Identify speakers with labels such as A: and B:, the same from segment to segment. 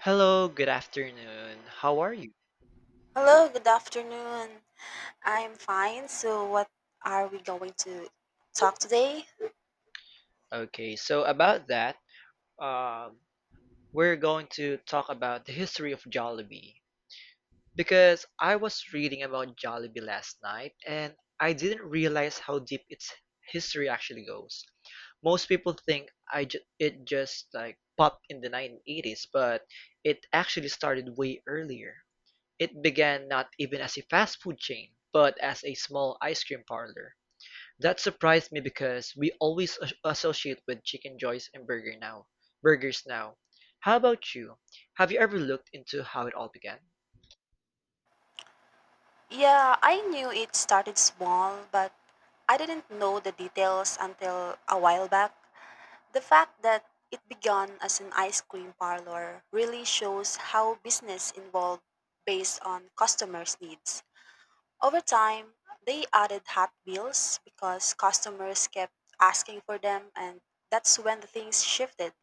A: Hello, good afternoon. How are you?
B: Hello, good afternoon. I'm fine. So, what are we going to talk today?
A: Okay, so about that, um, we're going to talk about the history of Jollibee because I was reading about Jollibee last night and I didn't realize how deep its history actually goes. Most people think I ju it just like popped in the 1980s, but it actually started way earlier. It began not even as a fast food chain, but as a small ice cream parlor. That surprised me because we always associate with chicken joints and burgers now. How about you? Have you ever looked into how it all began?
B: Yeah, I knew it started small, but I didn't know the details until a while back. The fact that it began as an ice cream parlor really shows how business evolved based on customers' needs. Over time, they added hot bills because customers kept asking for them, and that's when the things shifted.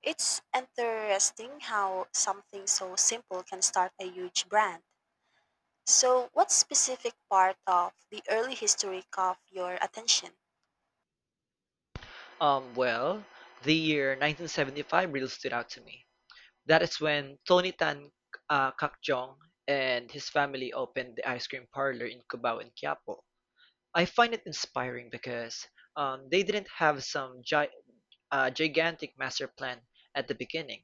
B: It's interesting how something so simple can start a huge brand. So, what specific part of the early history caught your attention?
A: Um, well, the year 1975 really stood out to me. That is when Tony Tan Kak Jong and his family opened the ice cream parlor in Cubao and Quiapo. I find it inspiring because they didn't have some gigantic master plan at the beginning.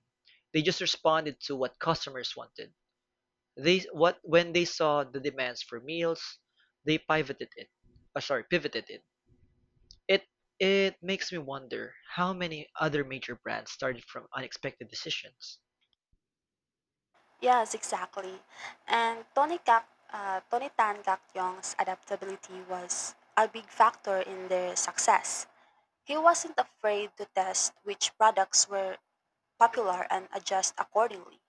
A: They just responded to what customers wanted. They what when they saw the demands for meals, they pivoted it. Uh, sorry, pivoted it. It it makes me wonder how many other major brands started from unexpected decisions.
B: Yes, exactly. And Tony Tan Gak Yong's adaptability was a big factor in their success. He wasn't afraid to test which products were popular and adjust accordingly.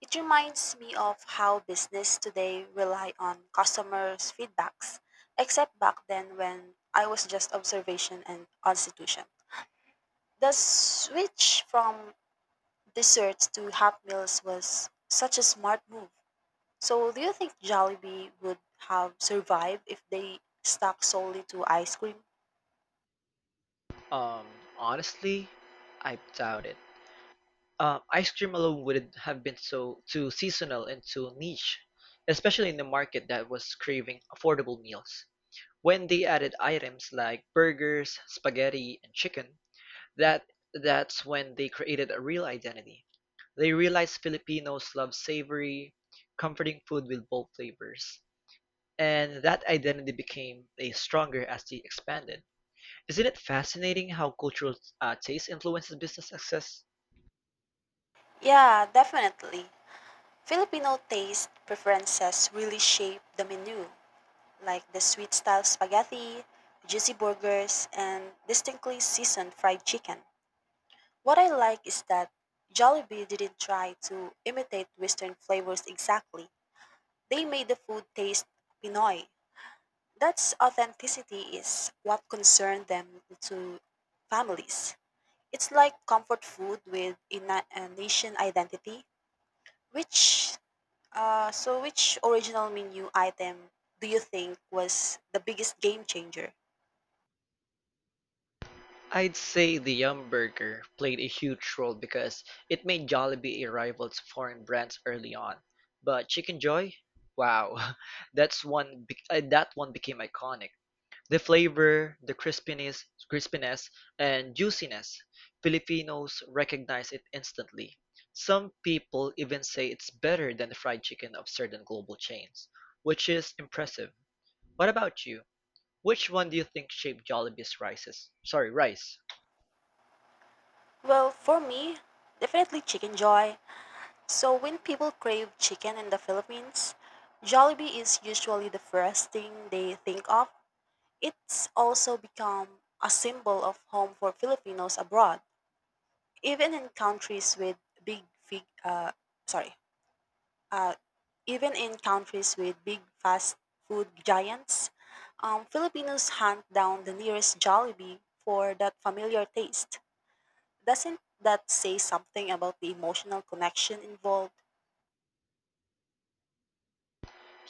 B: It reminds me of how business today rely on customers' feedbacks, except back then when I was just observation and constitution. The switch from desserts to hot meals was such a smart move. So do you think Jollibee would have survived if they stuck solely to ice cream?
A: Um, Honestly, I doubt it. Ice cream alone wouldn't have been so too seasonal and too niche, especially in the market that was craving affordable meals. When they added items like burgers, spaghetti, and chicken, That that's when they created a real identity. They realized Filipinos love savory, comforting food with bold flavors. And that identity became a stronger as they expanded. Isn't it fascinating how cultural taste influences business success?
B: Yeah, definitely. Filipino taste preferences really shape the menu, like the sweet style spaghetti, juicy burgers, and distinctly seasoned fried chicken. What I like is that Jollibee didn't try to imitate Western flavors exactly. They made the food taste Pinoy. That's authenticity is what concerned them to families. It's like comfort food with a nation identity. Which which original menu item do you think was the biggest game changer?
A: I'd say the Yum Burger played a huge role because it made Jollibee a rival to foreign brands early on. But Chicken Joy, wow, that's one. That one became iconic. The flavor, the crispiness, and juiciness, Filipinos recognize it instantly. Some people even say it's better than the fried chicken of certain global chains, which is impressive. What about you? Which one do you think shaped Jollibee's rices? Sorry, rice.
B: Well, for me, definitely chicken joy. So when people crave chicken in the Philippines, Jollibee is usually the first thing they think of. It's also become a symbol of home for Filipinos abroad, even in countries with big fig, sorry, uh, even in countries with big fast food giants. Filipinos hunt down the nearest Jollibee for that familiar taste. Doesn't that say something about the emotional connection involved?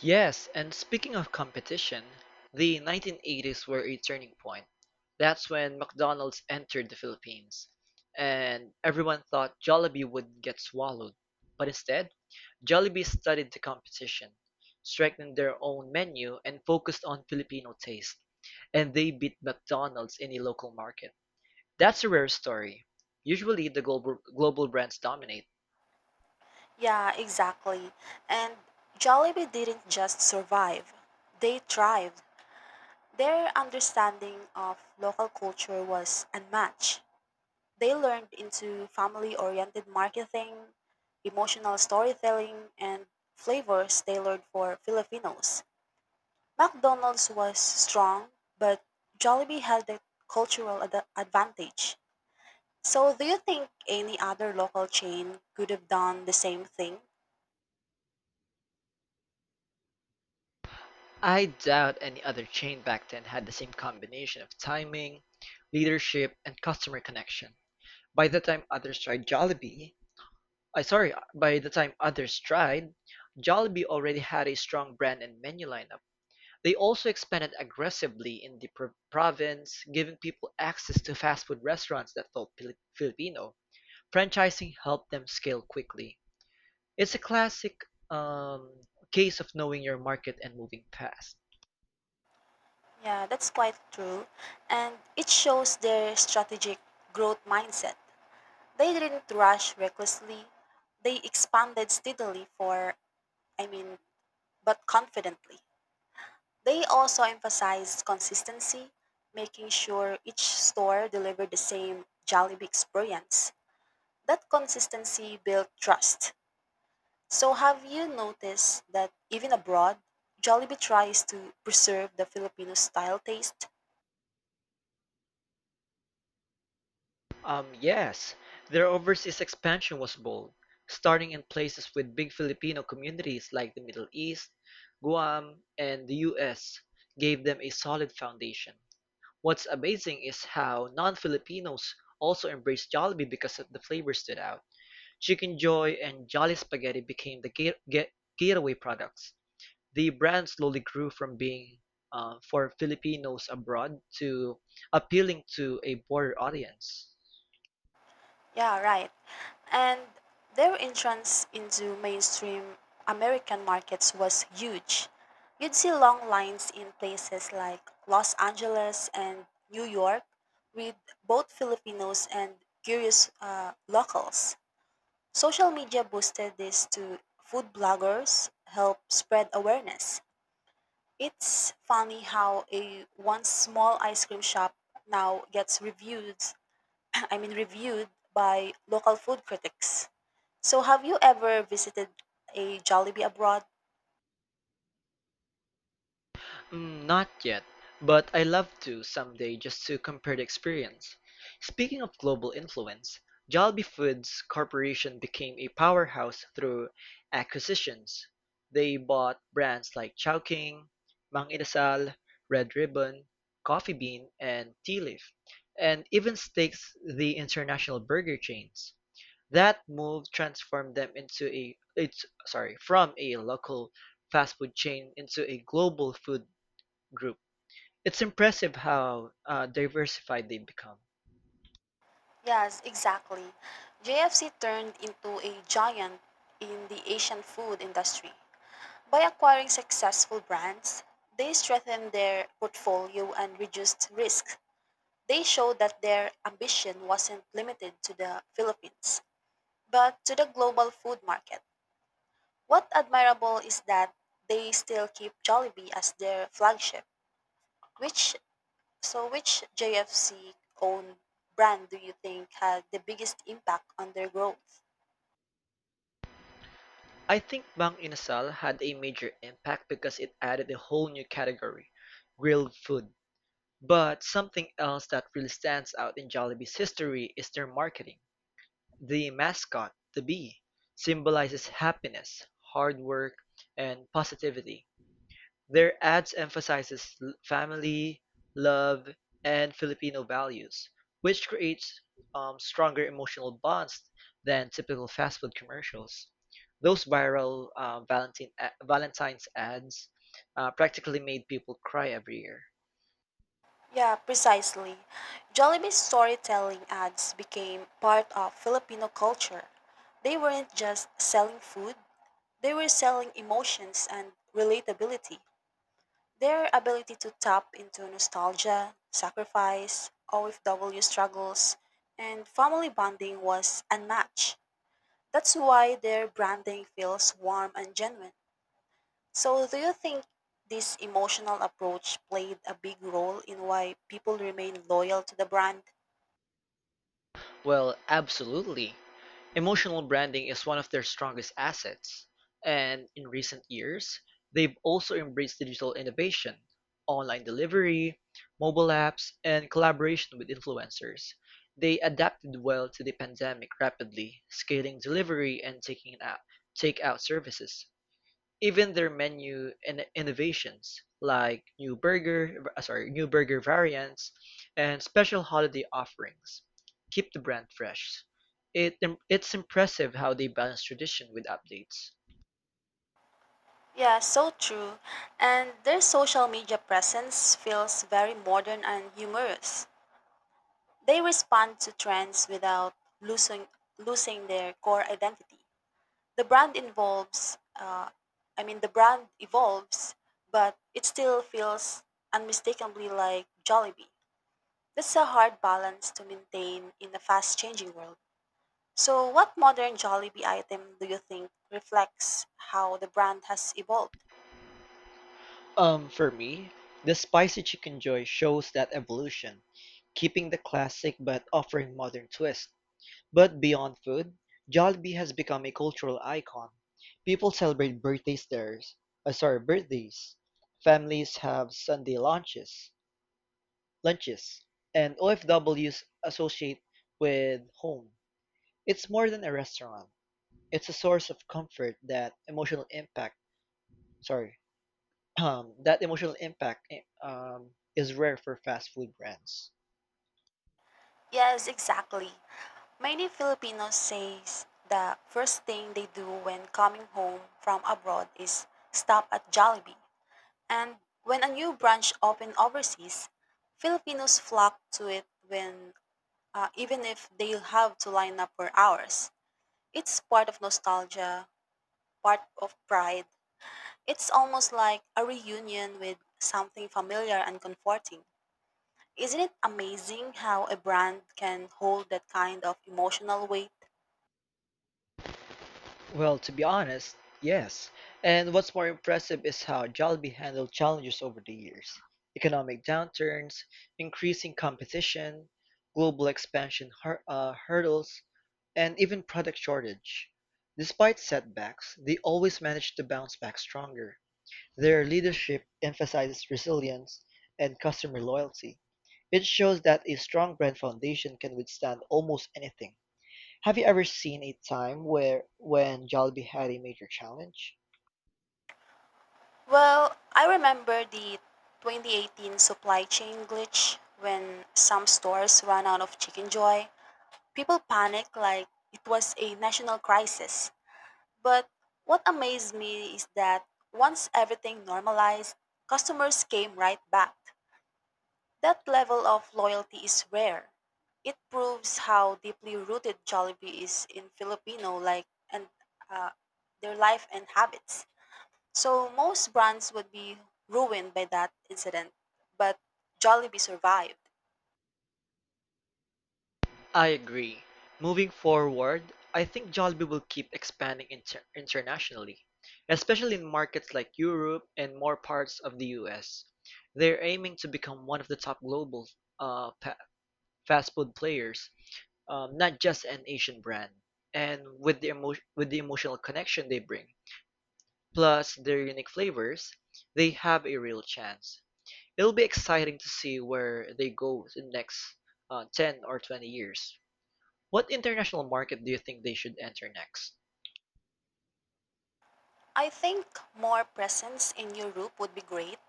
A: Yes, and speaking of competition, the 1980s were a turning point. That's when McDonald's entered the Philippines, and everyone thought Jollibee would get swallowed. But instead, Jollibee studied the competition, strengthened their own menu and focused on Filipino taste, and they beat McDonald's in the local market. That's a rare story. Usually the global brands dominate.
B: Yeah, exactly. And Jollibee didn't just survive, they thrived. Their understanding of local culture was unmatched. They learned into family oriented marketing, emotional storytelling, and flavors tailored for Filipinos. McDonald's was strong, but Jollibee had the cultural advantage. So, do you think any other local chain could have done the same thing?
A: I doubt any other chain back then had the same combination of timing, leadership, and customer connection. By the time others tried Jollibee, by the time others tried, Jollibee already had a strong brand and menu lineup. They also expanded aggressively in the province, giving people access to fast-food restaurants that felt Filipino. Franchising helped them scale quickly. It's a classic um, case of knowing your market and moving fast.
B: Yeah, that's quite true. And it shows their strategic growth mindset. They didn't rush recklessly. They expanded steadily I mean, but confidently. They also emphasized consistency, making sure each store delivered the same Jollibee experience. That consistency built trust. So, have you noticed that even abroad, Jollibee tries to preserve the Filipino style taste?
A: Um, yes, their overseas expansion was bold, starting in places with big Filipino communities like the Middle East, Guam, and the US gave them a solid foundation. What's amazing is how non-Filipinos also embraced Jollibee because of the flavor stood out. Chicken Joy and Jolly Spaghetti became the gateway products. The brand slowly grew from being for Filipinos abroad to appealing to a broader audience.
B: Yeah, right. And their entrance into mainstream American markets was huge. You'd see long lines in places like Los Angeles and New York with both Filipinos and curious locals. Social media boosted this to food bloggers, help spread awareness. It's funny how a once small ice cream shop now gets reviewed, I mean reviewed by local food critics. So have you ever visited a Jollibee abroad?
A: Mm, not yet, but I love to someday just to compare the experience. Speaking of global influence, Jollibee Foods Corporation became a powerhouse through acquisitions. They bought brands like Chowking, Mang Inasal, Red Ribbon, Coffee Bean, and Tea Leaf, and even stakes the international burger chains. That move transformed them into from a local fast food chain into a global food group. It's impressive how diversified they've become.
B: Yes, exactly. JFC turned into a giant in the Asian food industry. By acquiring successful brands, they strengthened their portfolio and reduced risk. They showed that their ambition wasn't limited to the Philippines. But to the global food market, what admirable is that they still keep Jollibee as their flagship. Which which JFC owned brand do you think had the biggest impact on their growth?
A: I think Bang Inasal had a major impact because it added a whole new category, grilled food. But something else that really stands out in Jollibee's history is their marketing. The mascot, the bee, symbolizes happiness, hard work, and positivity. Their ads emphasizes family, love, and Filipino values, which creates stronger emotional bonds than typical fast food commercials. Those viral Valentine's ads practically made people cry every year.
B: Yeah, precisely. Jollibee's storytelling ads became part of Filipino culture. They weren't just selling food, they were selling emotions and relatability. Their ability to tap into nostalgia, sacrifice, OFW struggles, and family bonding was unmatched. That's why their branding feels warm and genuine. So, do you think this emotional approach played a big role in why people remain loyal to the brand?
A: Well, absolutely. Emotional branding is one of their strongest assets. And in recent years, they've also embraced digital innovation, online delivery, mobile apps, and collaboration with influencers. They adapted well to the pandemic rapidly, scaling delivery and take out services. Even their menu in innovations, like new burger variants and special holiday offerings, keep the brand fresh. It it's impressive how they balance tradition with updates.
B: Yeah, so true. And their social media presence feels very modern and humorous. They respond to trends without losing losing their core identity. The brand I mean, the brand evolves, but it still feels unmistakably like Jollibee. That's a hard balance to maintain in a fast changing world. So, what modern Jollibee item do you think reflects how the brand has evolved?
A: For me, the spicy chicken joy shows that evolution, keeping the classic but offering modern twist. But beyond food, Jollibee has become a cultural icon. People celebrate birthdays there, birthdays. Families have Sunday lunches, and OFWs associate with home. It's more than a restaurant. It's a source of comfort that emotional impact, sorry, that emotional impact is rare for fast food brands.
B: Yes, exactly. Many Filipinos says the first thing they do when coming home from abroad is stop at Jollibee. And when a new branch opened overseas, Filipinos flock to it when even if they have to line up for hours. It's part of nostalgia, part of pride. It's almost like a reunion with something familiar and comforting. Isn't it amazing how a brand can hold that kind of emotional weight?
A: Well, to be honest, yes. And what's more impressive is how Jollibee handled challenges over the years. Economic downturns, increasing competition, global expansion hurdles, and even product shortage. Despite setbacks, they always managed to bounce back stronger. Their leadership emphasizes resilience and customer loyalty. It shows that a strong brand foundation can withstand almost anything. Have you ever seen a time where when Jollibee had a major challenge?
B: Well, I remember the 2018 supply chain glitch when some stores ran out of Chicken Joy. People panicked like it was a national crisis. But what amazed me is that once everything normalized, customers came right back. That level of loyalty is rare. It proves how deeply rooted Jollibee is in Filipino like and uh, their life and habits. So most brands would be ruined by that incident, but Jollibee survived.
A: I agree. Moving forward, I think Jollibee will keep expanding internationally, especially in markets like Europe and more parts of the US. They're aiming to become one of the top global uh, pa- fast food players, not just an Asian brand, and with with the emotional connection they bring, plus their unique flavors, they have a real chance. It'll be exciting to see where they go in the next 10 or 20 years. What international market do you think they should enter next?
B: I think more presence in Europe would be great,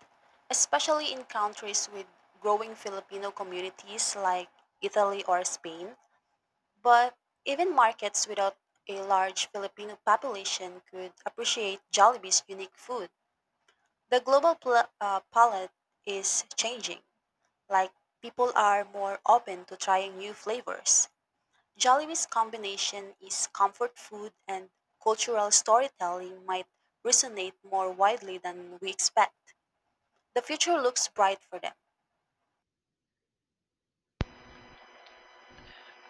B: especially in countries with growing Filipino communities like Italy or Spain. But even markets without a large Filipino population could appreciate Jollibee's unique food. The global palette is changing, like people are more open to trying new flavors. Jollibee's combination is comfort food and cultural storytelling might resonate more widely than we expect. The future looks bright for them.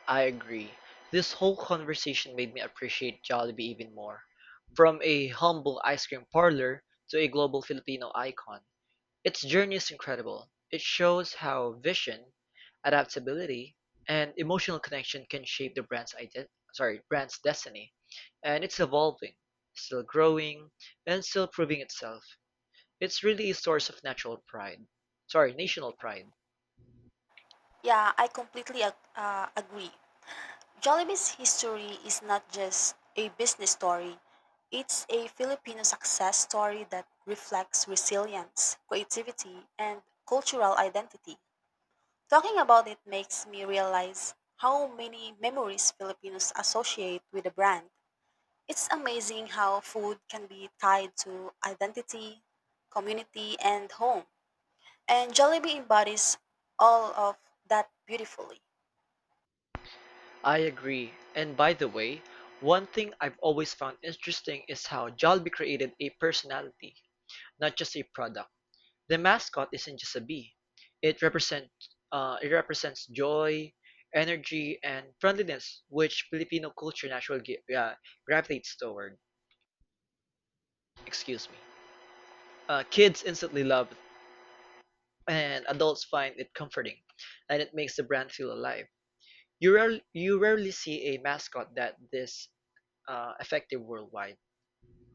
A: I agree. This whole conversation made me appreciate Jollibee even more. From a humble ice cream parlor to a global Filipino icon, its journey is incredible. It shows how vision, adaptability, and emotional connection can shape the brand's iden- sorry, brand's destiny. And it's evolving, still growing, and still proving itself. It's really a source of natural pride. Sorry, national pride.
B: Yeah, I completely agree. Jollibee's history is not just a business story. It's a Filipino success story that reflects resilience, creativity, and cultural identity. Talking about it makes me realize how many memories Filipinos associate with the brand. It's amazing how food can be tied to identity, community, and home. And Jollibee embodies all of that beautifully.
A: I agree. And by the way, one thing I've always found interesting is how Jollibee created a personality, not just a product. The mascot isn't just a bee, it represent it represents joy, energy, and friendliness which Filipino culture naturally gravitates toward. Excuse me. Kids instantly love it, and adults find it comforting, and it makes the brand feel alive. You rarely see a mascot that this effective worldwide.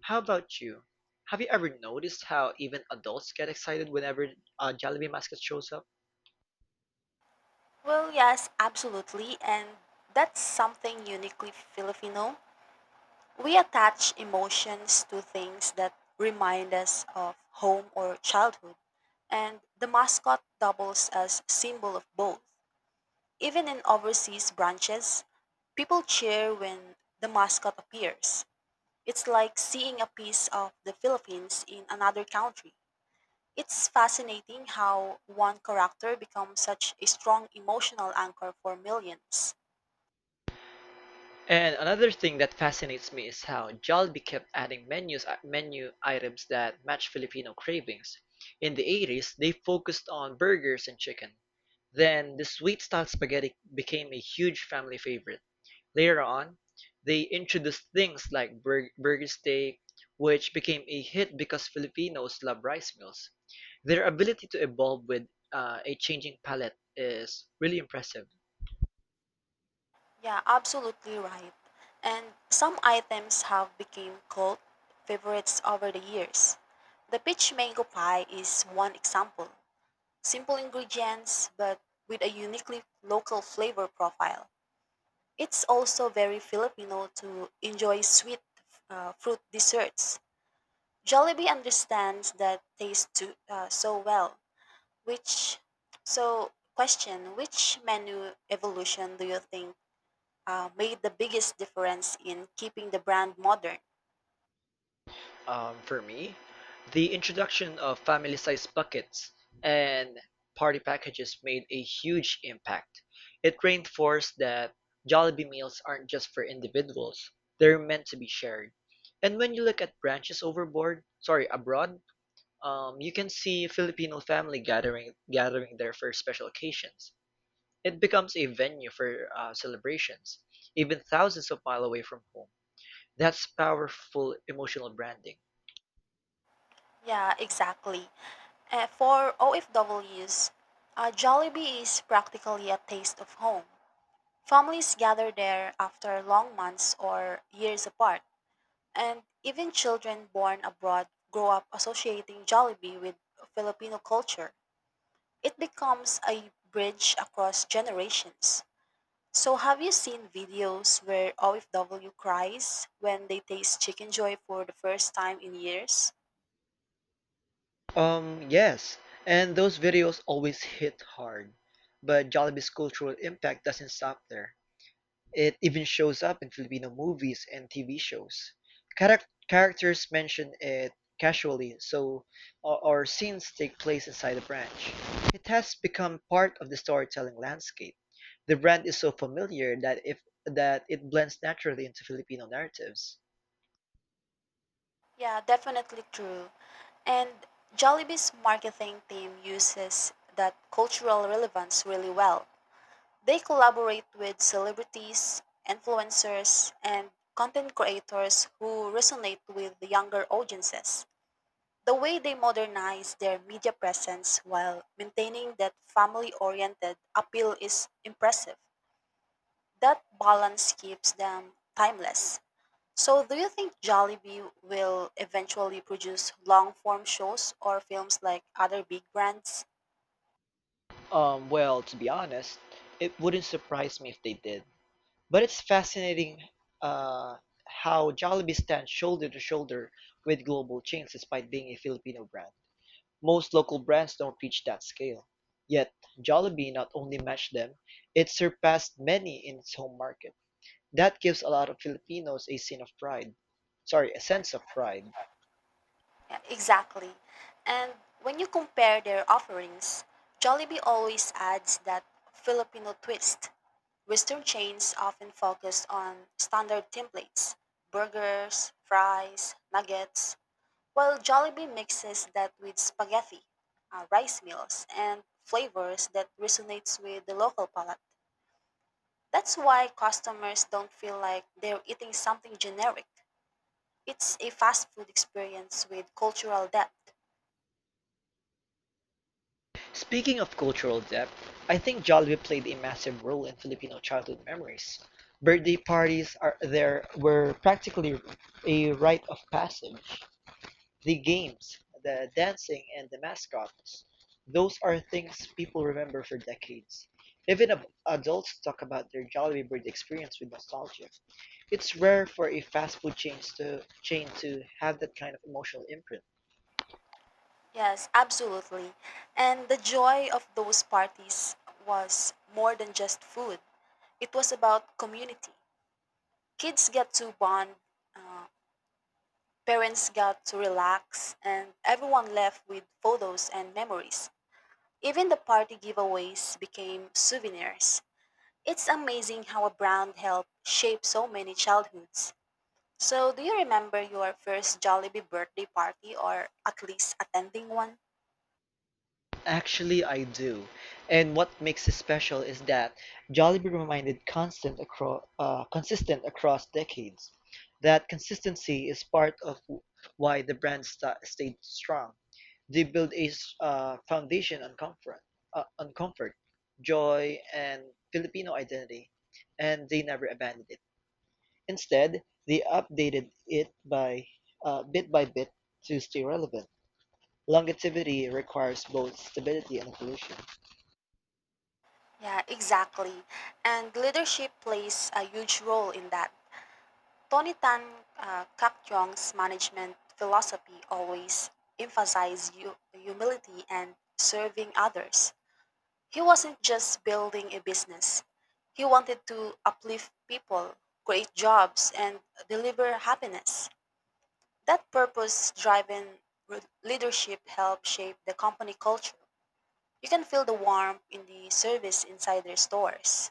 A: How about you? Have you ever noticed how even adults get excited whenever a Jollibee mascot shows up?
B: Well, yes, absolutely. And that's something uniquely Filipino. We attach emotions to things that remind us of home or childhood. And the mascot doubles as symbol of both. Even in overseas branches, people cheer when the mascot appears. It's like seeing a piece of the Philippines in another country. It's fascinating how one character becomes such a strong emotional anchor for millions.
A: And another thing that fascinates me is how Jollibee kept adding menu items that match Filipino cravings. In the 80s, they focused on burgers and chicken. Then the sweet style spaghetti became a huge family favorite. Later on, they introduced things like burger steak, which became a hit because Filipinos love rice meals. Their ability to evolve with a changing palate is really impressive.
B: Yeah, absolutely right. And some items have become cult favorites over the years. The peach mango pie is one example. Simple ingredients but with a uniquely local flavor profile. It's also very Filipino to enjoy sweet fruit desserts. Jollibee understands that taste too, so well. Which so question? Which menu evolution do you think made the biggest difference in keeping the brand modern?
A: For me, the introduction of family sized buckets and party packages made a huge impact. It reinforced that Jollibee meals aren't just for individuals, they're meant to be shared. And when you look at branches abroad, you can see Filipino family gathering there for special occasions. It becomes a venue for celebrations, even thousands of miles away from home. That's powerful emotional branding.
B: Yeah, exactly. For OFWs, Jollibee is practically a taste of home. Families gather there after long months or years apart, and even children born abroad grow up associating Jollibee with Filipino culture. It becomes a bridge across generations. So, have you seen videos where OFW cries when they taste Chicken Joy for the first time in years?
A: Um, yes, and those videos always hit hard. But Jollibee's cultural impact doesn't stop there. It even shows up in Filipino movies and TV shows. Characters mention it casually, so or scenes take place inside a branch. It has become part of the storytelling landscape. The brand is so familiar that if that it blends naturally into Filipino narratives.
B: Yeah, definitely true. And Jollibee's marketing team uses that cultural relevance really well. They collaborate with celebrities, influencers, and content creators who resonate with the younger audiences. The way they modernize their media presence while maintaining that family oriented appeal is impressive. That balance keeps them timeless. So, do you think Jollibee will eventually produce long form shows or films like other big brands?
A: To be honest, it wouldn't surprise me if they did. But it's fascinating uh, how Jollibee stands shoulder to shoulder with global chains despite being a Filipino brand. Most local brands don't reach that scale. Yet, Jollibee not only matched them, it surpassed many in its home market. That gives a lot of Filipinos a sense of pride. Sorry, a sense of pride.
B: Yeah, exactly. And when you compare their offerings, Jollibee always adds that Filipino twist. Western chains often focus on standard templates: burgers, fries, nuggets, while Jollibee mixes that with spaghetti, rice meals, and flavors that resonates with the local palate. That's why customers don't feel like they're eating something generic. It's a fast food experience with cultural depth.
A: Speaking of cultural depth, I think Jollibee played a massive role in Filipino childhood memories. Birthday parties are there were practically a rite of passage. The games, the dancing, and the mascots, those are things people remember for decades. Even adults talk about their Jollibee birthday experience with nostalgia. It's rare for a fast food chain to have that kind of emotional imprint.
B: Yes, absolutely. And the joy of those parties was more than just food. It was about community. Kids got to bond, uh, parents got to relax, and everyone left with photos and memories. Even the party giveaways became souvenirs. It's amazing how a brand helped shape so many childhoods. So, do you remember your first Jollibee birthday party or at least attending one?
A: Actually, I do. And what makes it special is that Jollibee consistent across decades. That consistency is part of why the brand stayed strong. They built foundation on on comfort, joy, and Filipino identity, and they never abandoned it. Instead, they updated it by bit by bit to stay relevant. Longevity requires both stability and evolution.
B: Yeah, exactly. And leadership plays a huge role in that. Tony Tan Kak Jong's management philosophy always emphasized humility and serving others. He wasn't just building a business, he wanted to uplift people, create jobs, and deliver happiness. That purpose driven leadership helped shape the company culture. You can feel the warmth in the service inside their stores.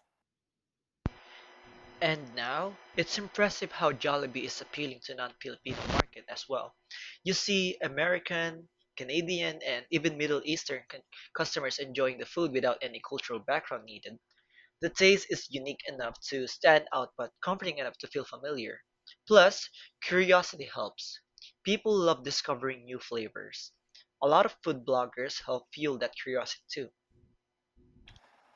A: And now, it's impressive how Jollibee is appealing to non-Filipino market as well. You see American, Canadian, and even Middle Eastern customers enjoying the food without any cultural background needed. The taste is unique enough to stand out but comforting enough to feel familiar. Plus, curiosity helps. People love discovering new flavors. A lot of food bloggers help fuel that curiosity too.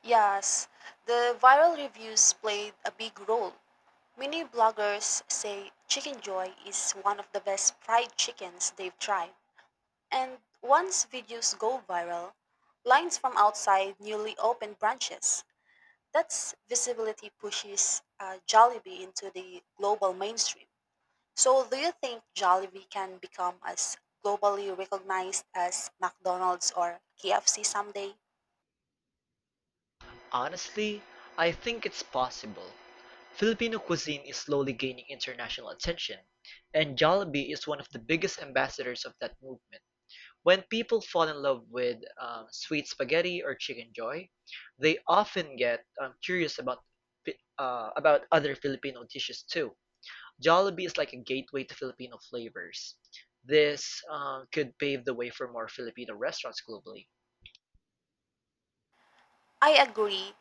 B: Yes, the viral reviews played a big role. Many bloggers say Chicken Joy is one of the best fried chickens they've tried. And once videos go viral, lines from outside newly opened branches. That's visibility pushes Jollibee into the global mainstream. So, do you think Jollibee can become as globally recognized as McDonald's or KFC someday?
A: Honestly, I think it's possible. Filipino cuisine is slowly gaining international attention, and Jollibee is one of the biggest ambassadors of that movement. When people fall in love with sweet spaghetti or chicken joy, they often get curious about about other Filipino dishes too. Jollibee is like a gateway to Filipino flavors. This could pave the way for more Filipino restaurants globally.
B: I agree.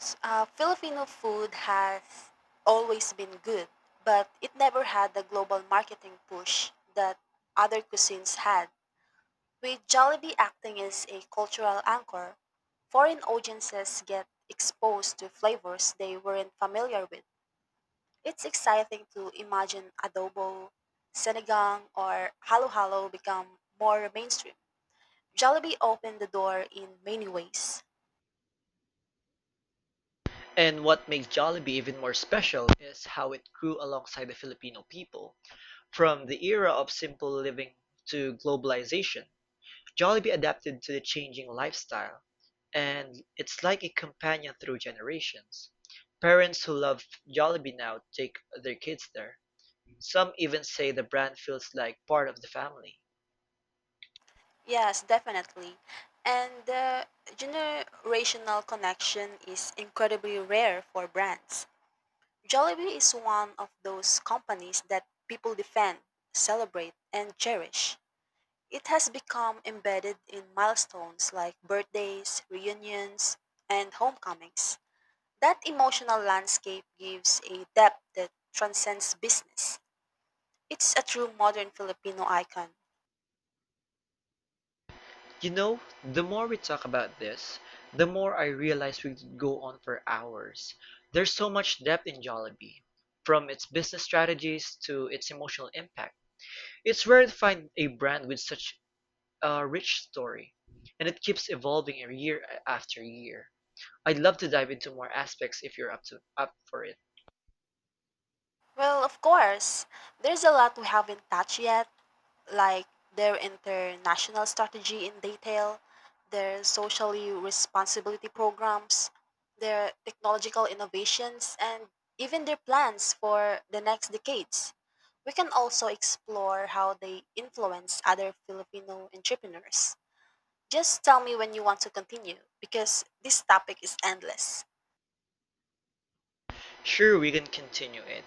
B: Filipino food has always been good, but it never had the global marketing push that other cuisines had. With Jollibee acting as a cultural anchor, foreign audiences get exposed to flavors they weren't familiar with. It's exciting to imagine adobo, sinigang, or halo-halo become more mainstream. Jollibee opened the door in many ways.
A: And what makes Jollibee even more special is how it grew alongside the Filipino people. From the era of simple living to globalization, Jollibee adapted to the changing lifestyle, and it's like a companion through generations. Parents who love Jollibee now take their kids there. Some even say the brand feels like part of the family.
B: Yes, definitely. And the generational connection is incredibly rare for brands. Jollibee is one of those companies that people defend, celebrate, and cherish. It has become embedded in milestones like birthdays, reunions, and homecomings. That emotional landscape gives a depth that transcends business. It's a true modern Filipino icon.
A: You know, the more we talk about this, the more I realize we could go on for hours. There's so much depth in Jollibee, from its business strategies to its emotional impact. It's rare to find a brand with such a rich story, and it keeps evolving year after year. I'd love to dive into more aspects if you're up for it.
B: Well, of course, there's a lot we haven't touched yet like their international strategy in detail, their socially responsibility programs, their technological innovations, and even their plans for the next decades. We can also explore how they influence other Filipino entrepreneurs. Just tell me when you want to continue because this topic is endless.
A: Sure, we can continue it.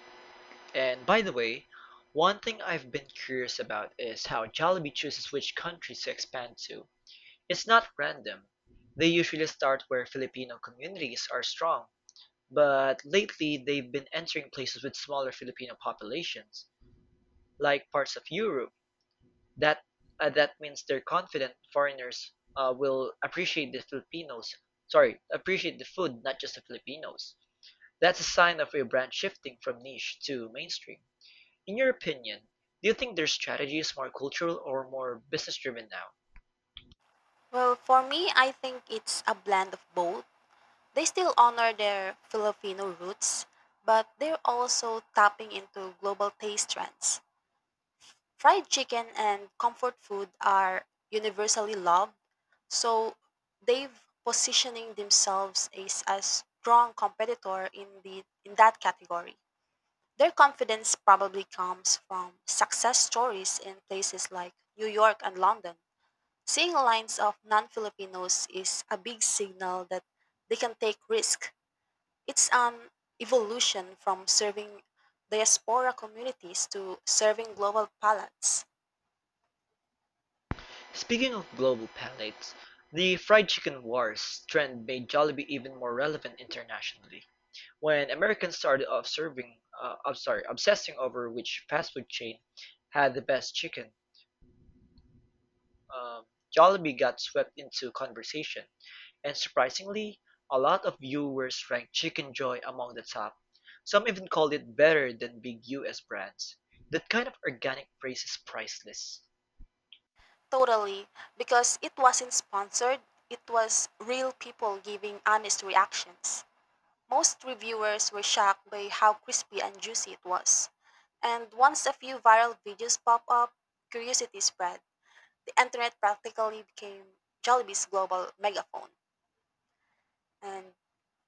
A: And by the way, one thing I've been curious about is how Jollibee chooses which countries to expand to. It's not random. They usually start where Filipino communities are strong, but lately they've been entering places with smaller Filipino populations, like parts of Europe. That that means they're confident foreigners will appreciate the Filipinos. Sorry, appreciate the food, not just the Filipinos. That's a sign of a brand shifting from niche to mainstream. In your opinion, do you think their strategy is more cultural or more business driven now?
B: Well, for me, I think it's a blend of both. They still honor their Filipino roots, but they're also tapping into global taste trends. Fried chicken and comfort food are universally loved, so they've positioning themselves as a strong competitor in that category. Their confidence probably comes from success stories in places like New York and London. Seeing lines of non-Filipinos is a big signal that they can take risk. It's an evolution from serving diaspora communities to serving global palates.
A: Speaking of global palates, the fried chicken wars trend made Jollibee even more relevant internationally. When Americans started off serving, I'm sorry, obsessing over which fast food chain had the best chicken, um, Jollibee got swept into conversation. And surprisingly, a lot of viewers ranked Chicken Joy among the top. Some even called it better than big US brands. That kind of organic praise is priceless.
B: Totally, because it wasn't sponsored, it was real people giving honest reactions. Most reviewers were shocked by how crispy and juicy it was. And once a few viral videos pop up, curiosity spread. The internet practically became Jollibee's global megaphone. And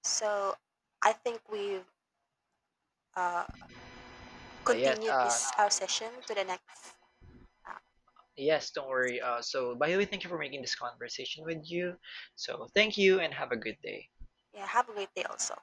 B: so I think we've uh,
A: Ah yes,
B: continue
A: uh,
B: this, session to the next. Uh,
A: Yes, don't worry. By the way, thank you for making this conversation with you. So, thank you and have a good day.
B: yeah, have a great day also.